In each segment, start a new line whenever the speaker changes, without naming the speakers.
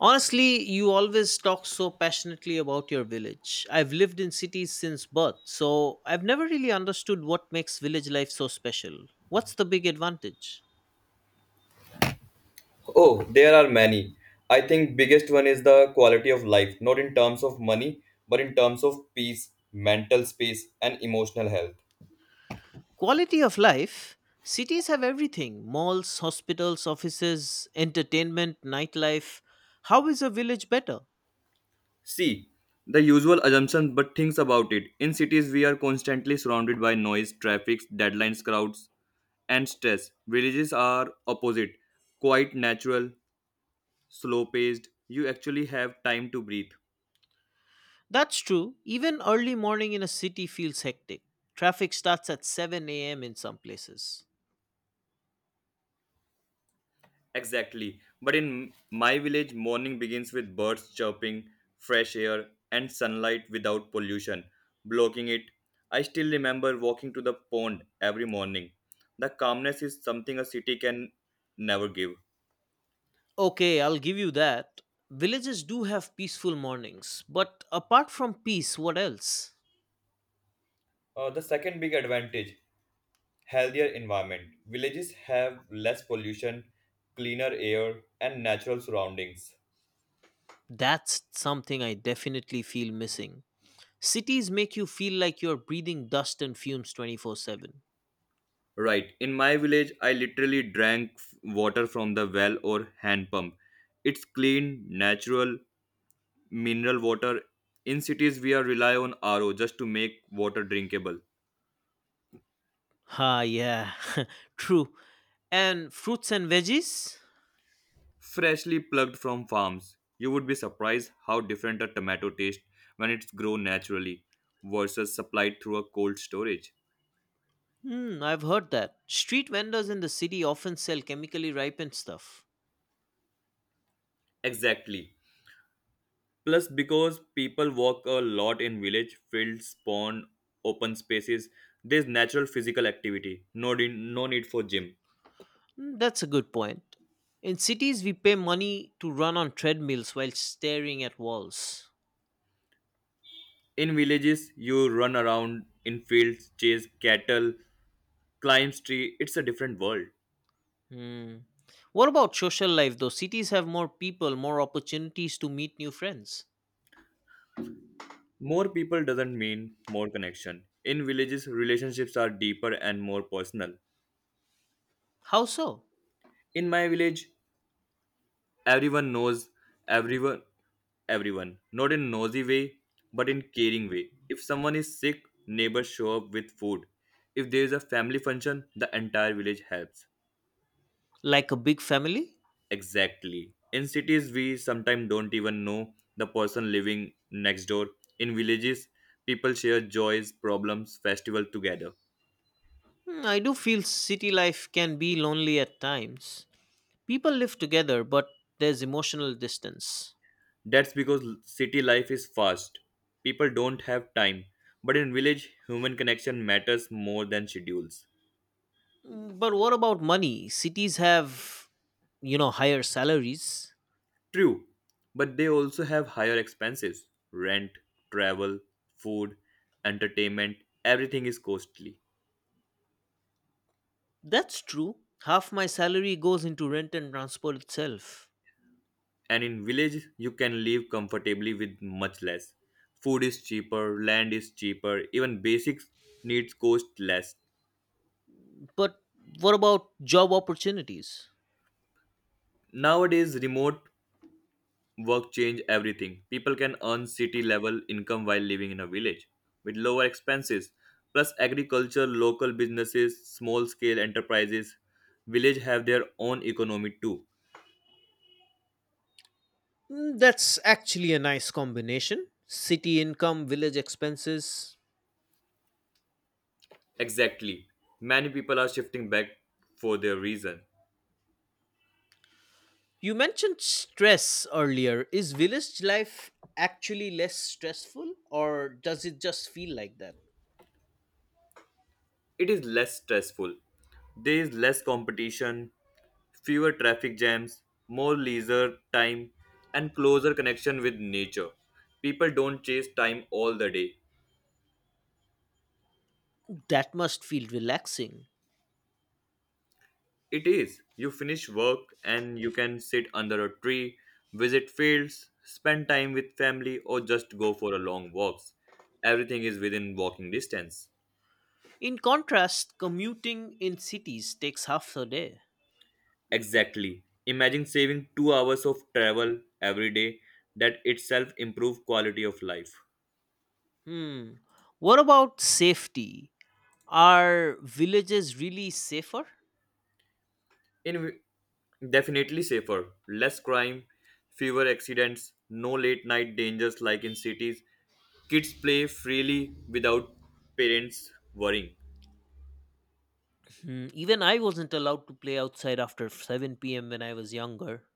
Honestly, you always talk so passionately about your village. I've lived in cities since birth, so I've never really understood what makes village life so special. What's the big advantage?
Oh, there are many. I think biggest one is the quality of life, not in terms of money, but in terms of peace, mental space, and emotional health.
Quality of life. Cities have everything, malls, hospitals, offices, entertainment, nightlife. How is a village better?
See, the usual assumption, but things about it. In cities, we are constantly surrounded by noise, traffic, deadlines, crowds, and stress. Villages are opposite, quite natural, slow paced. You actually have time to breathe.
That's true. Even early morning in a city feels hectic. Traffic starts at 7 a.m. in some places.
Exactly. But in my village, morning begins with birds chirping, fresh air, and sunlight without pollution blocking it. I still remember walking to the pond every morning. The calmness is something a city can never give.
Okay, I'll give you that. Villages do have peaceful mornings, but apart from peace, what else?
The second big advantage healthier environment. Villages have less pollution, cleaner air, and natural surroundings.
That's something I definitely feel missing. Cities make you feel like you're breathing dust and fumes 24/7.
Right. In my village, I literally drank water from the well or hand pump. It's clean, natural, mineral water. In cities, we are rely on RO just to make water drinkable.
Ah, yeah, true. And fruits and veggies?
Freshly plucked from farms. You would be surprised how different a tomato tastes when it's grown naturally versus supplied through a cold storage.
Hmm, I've heard that. Street vendors in the city often sell chemically ripened stuff.
Exactly. Plus, because people walk a lot in village, fields, pond, open spaces, there's natural physical activity. No, no need for gym.
Hmm, that's a good point. In cities, we pay money to run on treadmills while staring at walls.
In villages, you run around in fields, chase cattle, climb tree. It's a different world.
Hmm. What about social life though? Cities have more people, more opportunities to meet new friends.
More people doesn't mean more connection. In villages, relationships are deeper and more personal.
How so?
In my village, everyone knows everyone everyone, not in nosy way, but in caring way. If someone is sick, neighbors show up with food. If there is a family function, the entire village helps.
Like a big family?
Exactly. In cities, we sometimes don't even know the person living next door. In villages, people share joys, problems, festival together.
Hmm, I do feel city life can be lonely at times. People live together, but there's emotional distance.
That's because city life is fast. People don't have time. But in village, human connection matters more than schedules.
Mm, but what about money? Cities have, higher salaries.
True, but they also have higher expenses rent, travel, food, entertainment, everything is costly.
That's true. Half my salary goes into rent and transport itself.
And in village, you can live comfortably with much less. Food is cheaper, land is cheaper, even basic needs cost less.
But what about job opportunities?
Nowadays, remote Work change everything. People can earn city level income while living in a village with lower expenses. Plus agriculture, local businesses, small scale enterprises, village have their own economy too.
Mm, that's actually a nice combination. City income, village expenses.
Exactly. Many people are shifting back for their reason.
You mentioned stress earlier. Is village life actually less stressful or does it just feel like that?
It is less stressful. There is less competition, fewer traffic jams, more leisure time, and closer connection with nature. People don't chase time all the day.
That must feel relaxing.
It is. You finish work and you can sit under a tree, visit fields, spend time with family, or just go for a long walks. Everything is within walking distance.
In contrast, commuting in cities takes half a day.
Exactly. Imagine saving 2 hours of travel every day. That itself improve quality of life.
Hmm. What about safety? Are villages really safer?
In definitely safer, less crime, fewer accidents, no late night dangers like in cities. Kids play freely without parents worrying.
Hmm. Even I wasn't allowed to play outside after 7 p.m. when I was younger.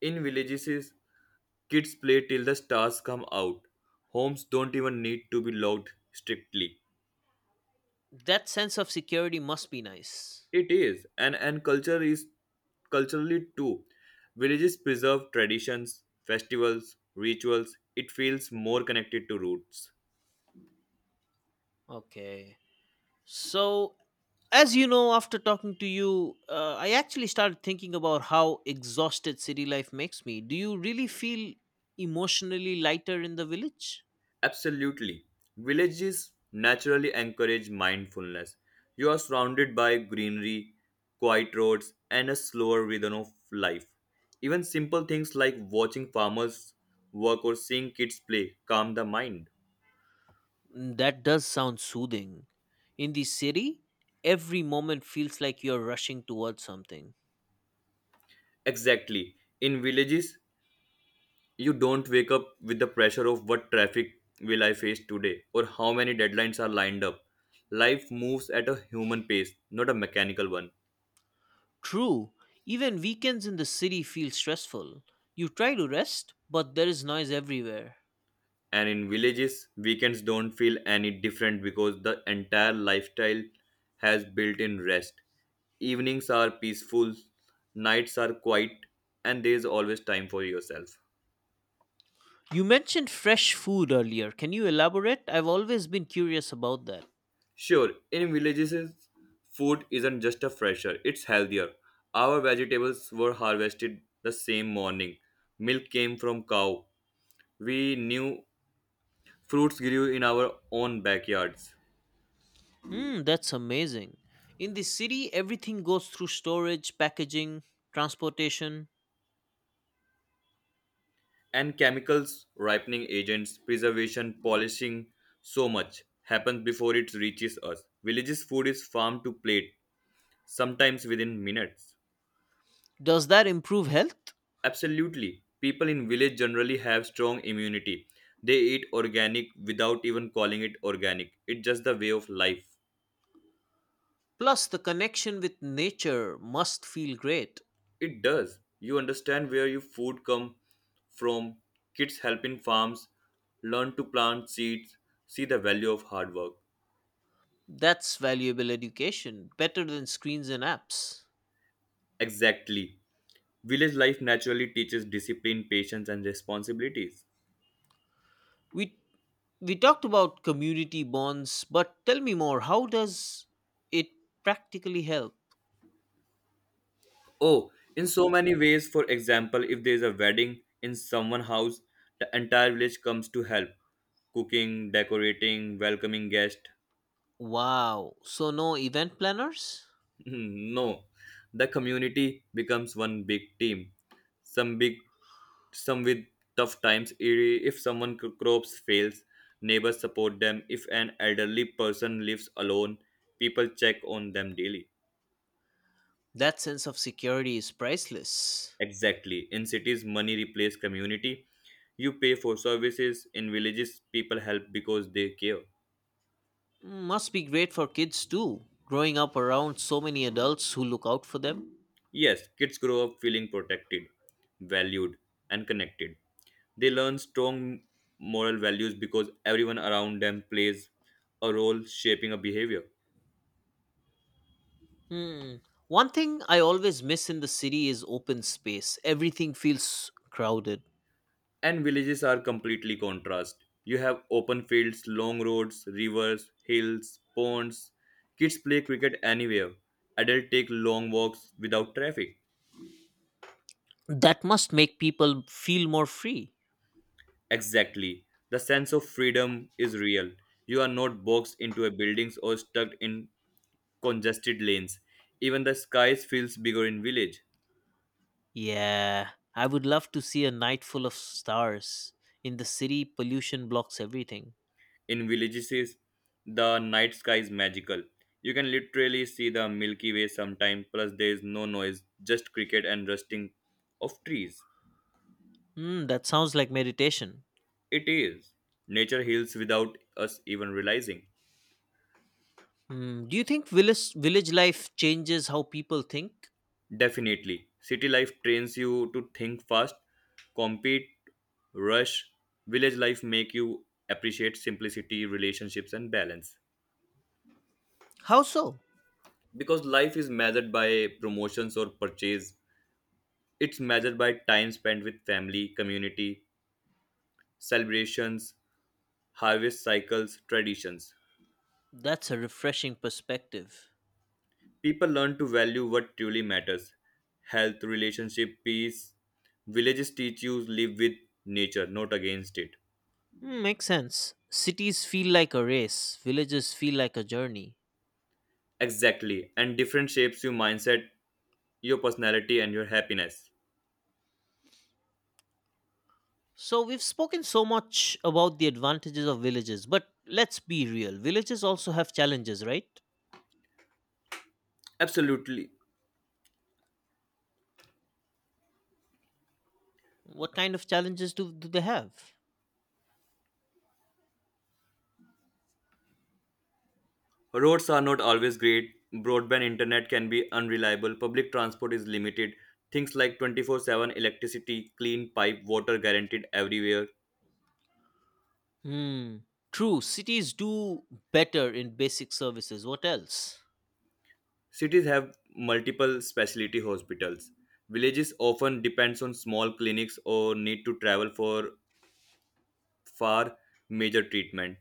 In villages, kids play till the stars come out. Homes don't even need to be locked strictly.
That sense of security must be nice.
It is, and culture is culturally too. Villages preserve traditions, festivals, rituals. It feels more connected to roots.
Okay, so as you know, after talking to you, I actually started thinking about how exhausted city life makes me. Do you really feel emotionally lighter in the village?
Absolutely. Villages naturally encourage mindfulness. You are surrounded by greenery, quiet roads, and a slower rhythm of life. Even simple things like watching farmers work or seeing kids play calm the mind.
Mm, that does sound soothing. In the city, every moment feels like you're rushing towards something.
Exactly. In villages, you don't wake up with the pressure of what traffic will I face today or how many deadlines are lined up. Life moves at a human pace, not a mechanical one.
True, even weekends in the city feel stressful. You try to rest, but there is noise everywhere.
And in villages, weekends don't feel any different because the entire lifestyle has built in rest. Evenings are peaceful, nights are quiet, and there is always time for yourself.
You mentioned fresh food earlier. Can you elaborate? I've always been curious about that.
Sure, in villages, food isn't just a fresher, it's healthier. Our vegetables were harvested the same morning. Milk came from cow. We knew fruits grew in our own backyards.
Hmm, that's amazing. In the city, everything goes through storage, packaging, transportation.
And chemicals, ripening agents, preservation, polishing, so much happens before it reaches us. Villages' food is farm to plate, sometimes within minutes.
Does that improve health?
Absolutely. People in village generally have strong immunity. They eat organic without even calling it organic. It's just the way of life.
Plus, the connection with nature must feel great.
It does. You understand where your food come from. Kids help in farms, learn to plant seeds, see the value of hard work.
That's valuable education, better than screens and apps.
Exactly. Village life naturally teaches discipline, patience, and responsibilities.
We we talked about community bonds, but tell me more. How does it practically help?
Oh, in so many ways, for example, if there is a wedding in someone's house, the entire village comes to help cooking, decorating, welcoming guests.
Wow. So no event planners?
No, the community becomes one big team. Some big, some with tough times. If someone crops fails, neighbors support them. If an elderly person lives alone, people check on them daily.
That sense of security is priceless.
Exactly. In cities, money replaces community. You pay for services. In villages, people help because they care.
Must be great for kids too, growing up around so many adults who look out for them.
Yes, kids grow up feeling protected, valued, and connected. They learn strong moral values because everyone around them plays a role shaping a behavior.
Hmm. One thing I always miss in the city is open space. Everything feels crowded.
And villages are completely contrast. You have open fields, long roads, rivers, hills, ponds. Kids play cricket anywhere. Adults take long walks without traffic.
That must make people feel more free.
Exactly. The sense of freedom is real. You are not boxed into a buildings or stuck in congested lanes. Even the skies feels bigger in village.
Yeah, I would love to see a night full of stars. In the city, pollution blocks everything.
In villages, the night sky is magical. You can literally see the Milky Way sometime, plus there is no noise, just cricket and rusting of trees.
Hmm, that sounds like meditation.
It is. Nature heals without us even realizing.
Hmm, do you think village life changes how people think?
Definitely. City life trains you to think fast, compete, rush. Village life make you appreciate simplicity, relationships and balance.
How so?
Because life is measured by promotions or purchase. It's measured by time spent with family, community, celebrations, harvest cycles, traditions.
That's a refreshing perspective.
People learn to value what truly matters. Health, relationship, peace. Villages teach you live with nature, not against it.
Hmm, makes sense. Cities feel like a race, villages feel like a journey.
Exactly. And different shapes your mindset, your personality, and your happiness.
So, we've spoken so much about the advantages of villages, but let's be real. Villages also have challenges, right?
Absolutely.
What kind of challenges do they have?
Roads are not always great. Broadband internet can be unreliable. Public transport is limited. Things like 24/7 electricity, clean pipe, water guaranteed everywhere.
Hmm. True, cities do better in basic services. What else?
Cities have multiple specialty hospitals. Villages often depends on small clinics or need to travel for far major treatment.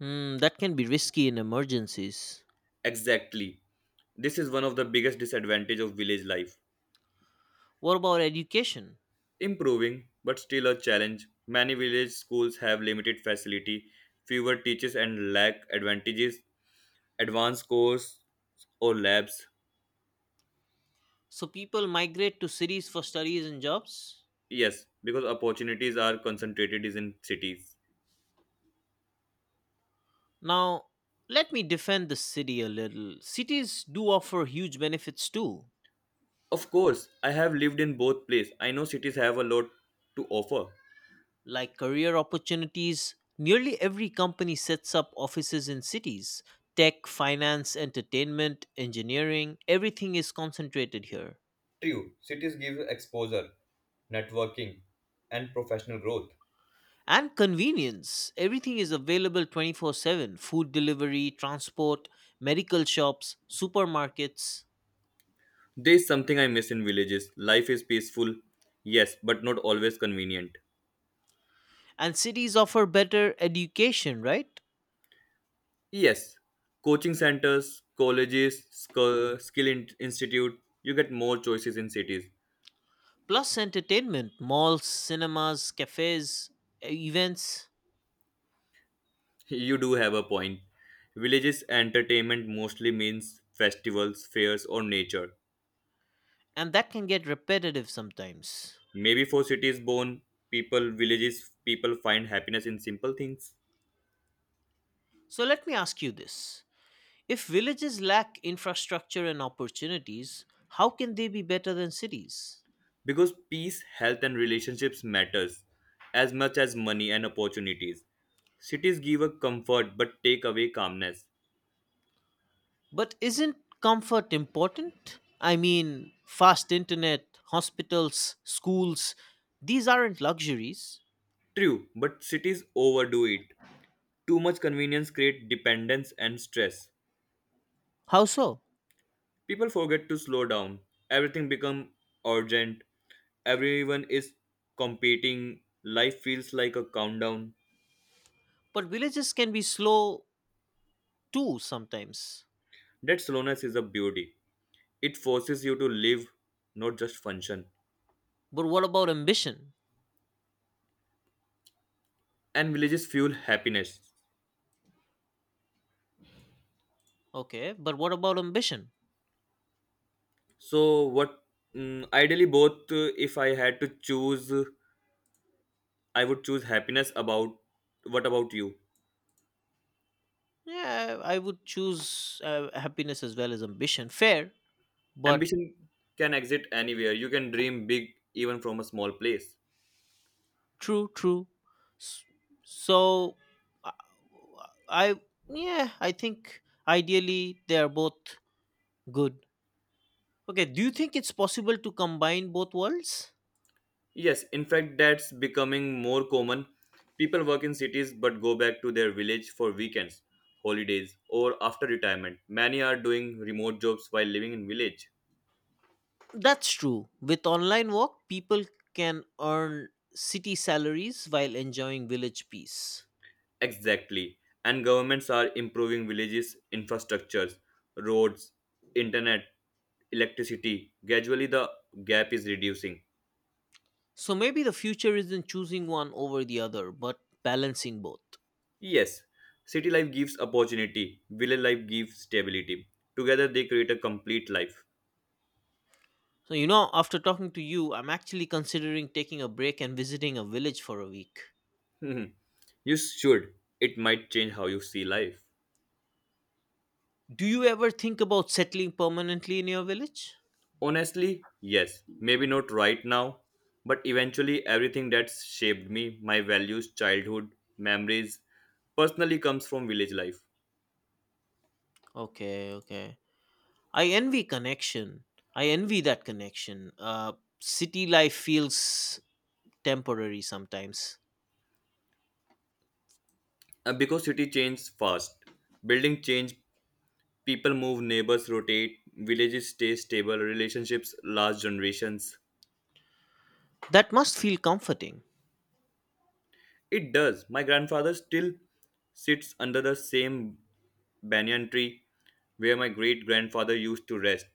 Hmm, that can be risky in emergencies.
Exactly. This is one of the biggest disadvantage of village life.
What about education?
Improving but still a challenge. Many village schools have limited facility, fewer teachers and lack advantages, advanced course or labs.
So, people migrate to cities for studies and jobs?
Yes, because opportunities are concentrated is in cities.
Now, let me defend the city a little. Cities do offer huge benefits too,
Of course, I have lived in both places. I know cities have a lot to offer.
like career opportunities. Nearly every company sets up offices in cities. Tech, finance, entertainment, engineering, everything is concentrated here.
True, cities give exposure, networking, and professional growth.
And convenience. Everything is available 24/7, food delivery, transport, medical shops, supermarkets.
There is something I miss in villages. Life is peaceful, yes, but not always convenient.
And cities offer better education, right?
Yes, coaching centers, colleges, skill institute, you get more choices in cities.
Plus entertainment, malls, cinemas, cafes, e, events,
You do have a point. Villages entertainment mostly means festivals, fairs or nature.
and that can get repetitive sometimes.
Maybe for cities born people villages people find happiness in simple things
So let me ask you this, if villages lack infrastructure and opportunities, how can they be better than cities?
because peace, health and relationships matters as much as money and opportunities. Cities give a comfort but take away calmness.
But isn't comfort important? I mean, fast internet, hospitals, schools, these aren't luxuries.
True, but cities overdo it. Too much convenience creates dependence and stress.
How so?
People forget to slow down. Everything becomes urgent. Everyone is competing. Life feels like a countdown.
But villages can be slow too sometimes.
That slowness is a beauty. It forces you to live, not just function.
But what about ambition?
And villages fuel happiness.
Okay, but what about ambition?
So, what ideally, both, if I had to choose, I would choose happiness about what about you?
Yeah, I would choose happiness as well as ambition. Fair, but
Ambition can exist anywhere. You can dream big even from a small place.
true, true. S- So, uh, I Yeah, I think ideally they are both good. Okay, do you think it's possible to combine both worlds?
Yes, in fact, that's becoming more common. People work in cities but go back to their village for weekends, holidays, or after retirement. Many are doing remote jobs while living in village.
That's true. With online work, people can earn city salaries while enjoying village peace.
Exactly. And governments are improving villages' infrastructures, roads, internet, electricity. Gradually, the gap is reducing.
So maybe the future isn't choosing one over the other, but balancing both.
Yes, city life gives opportunity, village life gives stability. Together, they create a complete life.
So, after talking to you, I'm actually considering taking a break and visiting a village for a week.
Mhm. You should. It might change how you see life.
Do you ever think about settling permanently in your village?
Honestly, yes. Maybe not right now, but eventually everything that's shaped me, my values, childhood, memories, personally comes from village life.
Okay, okay. I envy connection. I envy that connection. City life feels temporary sometimes.
Because city changes fast. Building change, people move, neighbors rotate, villages stay stable, relationships last generations.
That must feel comforting.
It does. My grandfather still sits under the same banyan tree where my great grandfather used to rest.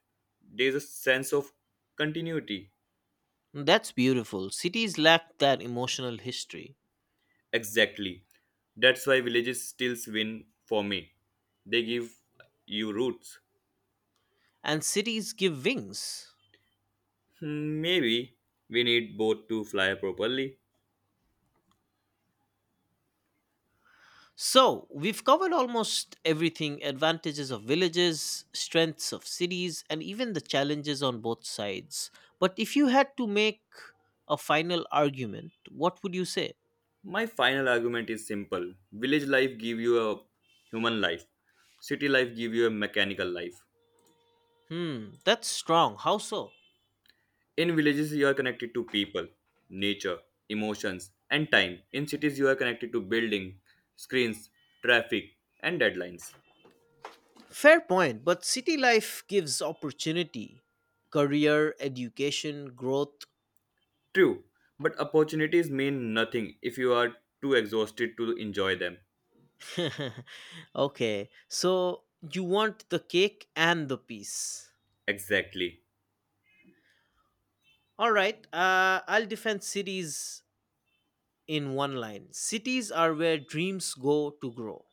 There's a sense of continuity.
That's beautiful. Cities lack that emotional history,
Exactly. That's why villages still win for me. They give you roots.
and cities give wings.
Hmm, maybe we need both to fly properly.
So, we've covered almost everything, advantages of villages, strengths of cities, and even the challenges on both sides. But if you had to make a final argument, what would you say?
My final argument is simple. Village life give you a human life. City life give you a mechanical life.
Hmm, that's strong. How so?
In villages, you are connected to people, nature, emotions, and time. In cities, you are connected to building, screens, traffic, and deadlines.
Fair point, but city life gives opportunity, career, education, growth.
True, but opportunities mean nothing if you are too exhausted to enjoy them.
Okay, so you want the cake and the piece.
Exactly.
All right, I'll defend cities in one line, cities are where dreams go to grow.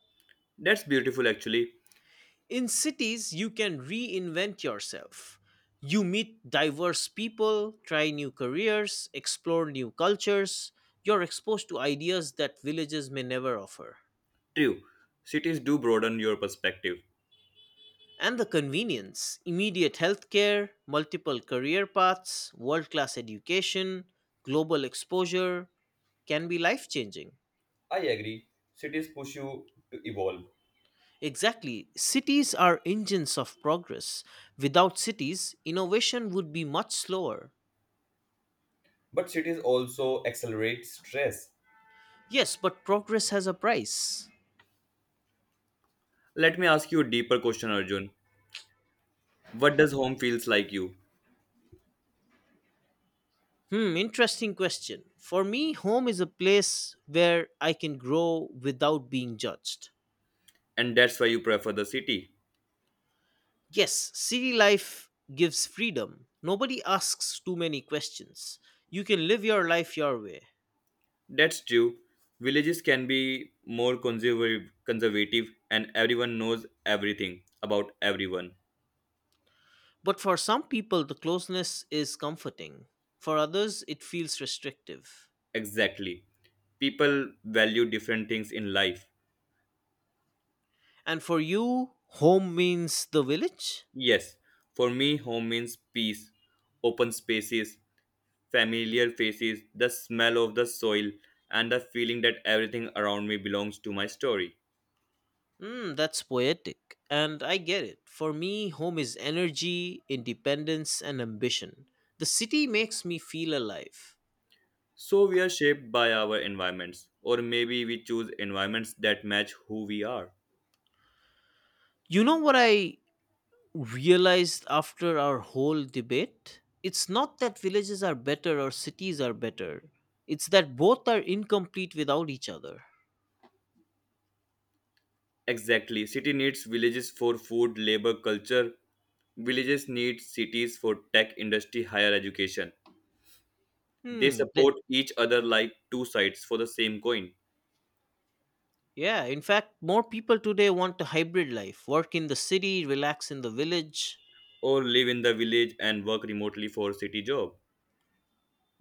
That's beautiful, actually.
In cities, you can reinvent yourself. You meet diverse people, try new careers, explore new cultures. You're exposed to ideas that villages may never offer.
True, cities do broaden your perspective.
And the convenience, immediate healthcare, multiple career paths, world class education, global exposure can be life changing.
I agree. Cities push you to evolve,
Exactly. Cities are engines of progress. Without cities, innovation would be much slower.
but cities also accelerate stress.
Yes, but progress has a price.
Let me ask you a deeper question, Arjun. What does home feels like you?
Hmm, interesting question. For me, home is a place where I can grow without being judged.
And that's why you prefer the city.
Yes, city life gives freedom. Nobody asks too many questions. You can live your life your way.
That's true. Villages can be more conservative, and everyone knows everything about everyone.
But for some people, the closeness is comforting. For others, it feels restrictive.
Exactly. People value different things in life.
And for you, home means the village?
Yes, for me, home means peace, open spaces, familiar faces, the smell of the soil, and the feeling that everything around me belongs to my story.
Mm, that's poetic. And I get it. For me, home is energy, independence, and ambition. The city makes me feel alive.
So we are shaped by our environments, or maybe we choose environments that match who we are.
You know what I realized after our whole debate? It's not that villages are better or cities are better, it's that both are incomplete without each other.
Exactly. City needs villages for food, labor, culture. Villages need cities for tech, industry, higher education. They
Hmm.
support each other like two sides for the same coin.
Yeah, in fact, more people today want a hybrid life, work in the city, relax in the village.
Or live in the village and work remotely for city job.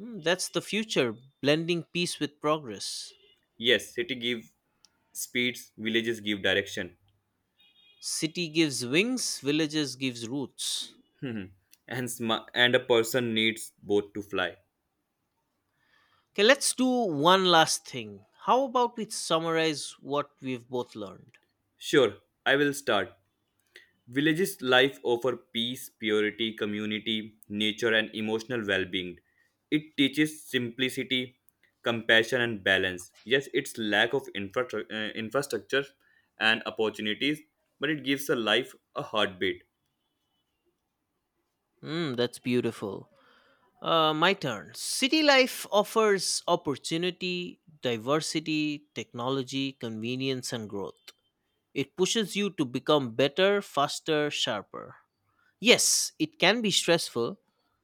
Hmm, that's the future, blending peace with progress.
Yes, city give speeds, villages give direction.
City gives wings, villages gives roots.
Hmm. And a person needs both to fly.
Okay, let's do one last thing. How about we summarize what we've both learned?
Sure, I will start. Villages' life offer peace, purity, community, nature, and emotional well being. It teaches simplicity, compassion, and balance. Yes, its lack of infrastructure and opportunities, but it gives a life a heartbeat.
Hmm, that's beautiful. My turn. City life offers opportunity, diversity, technology, convenience, and growth. It pushes you to become better, faster, sharper. Yes, it can be stressful,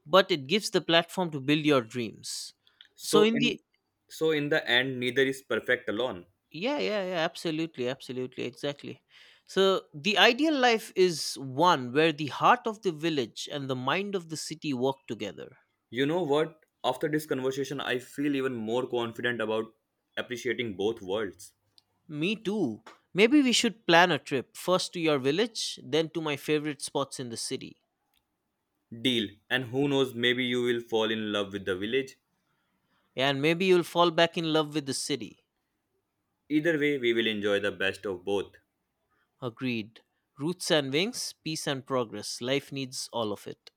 but it gives the platform to build your dreams. So
So,
in the
in so in the end, neither is perfect alone.
yeah, absolutely, exactly. So the ideal life is one where the heart of the village and the mind of the city work together.
You know what? After this conversation, I feel even more confident about appreciating both worlds.
Me too. Maybe we should plan a trip first to your village, then to my favorite spots in the city.
Deal, and who knows, maybe you will fall in love with the village.
And maybe you'll fall back in love with the city.
Either way, we will enjoy the best of both.
Agreed. Roots and wings, peace and progress. Life needs all of it.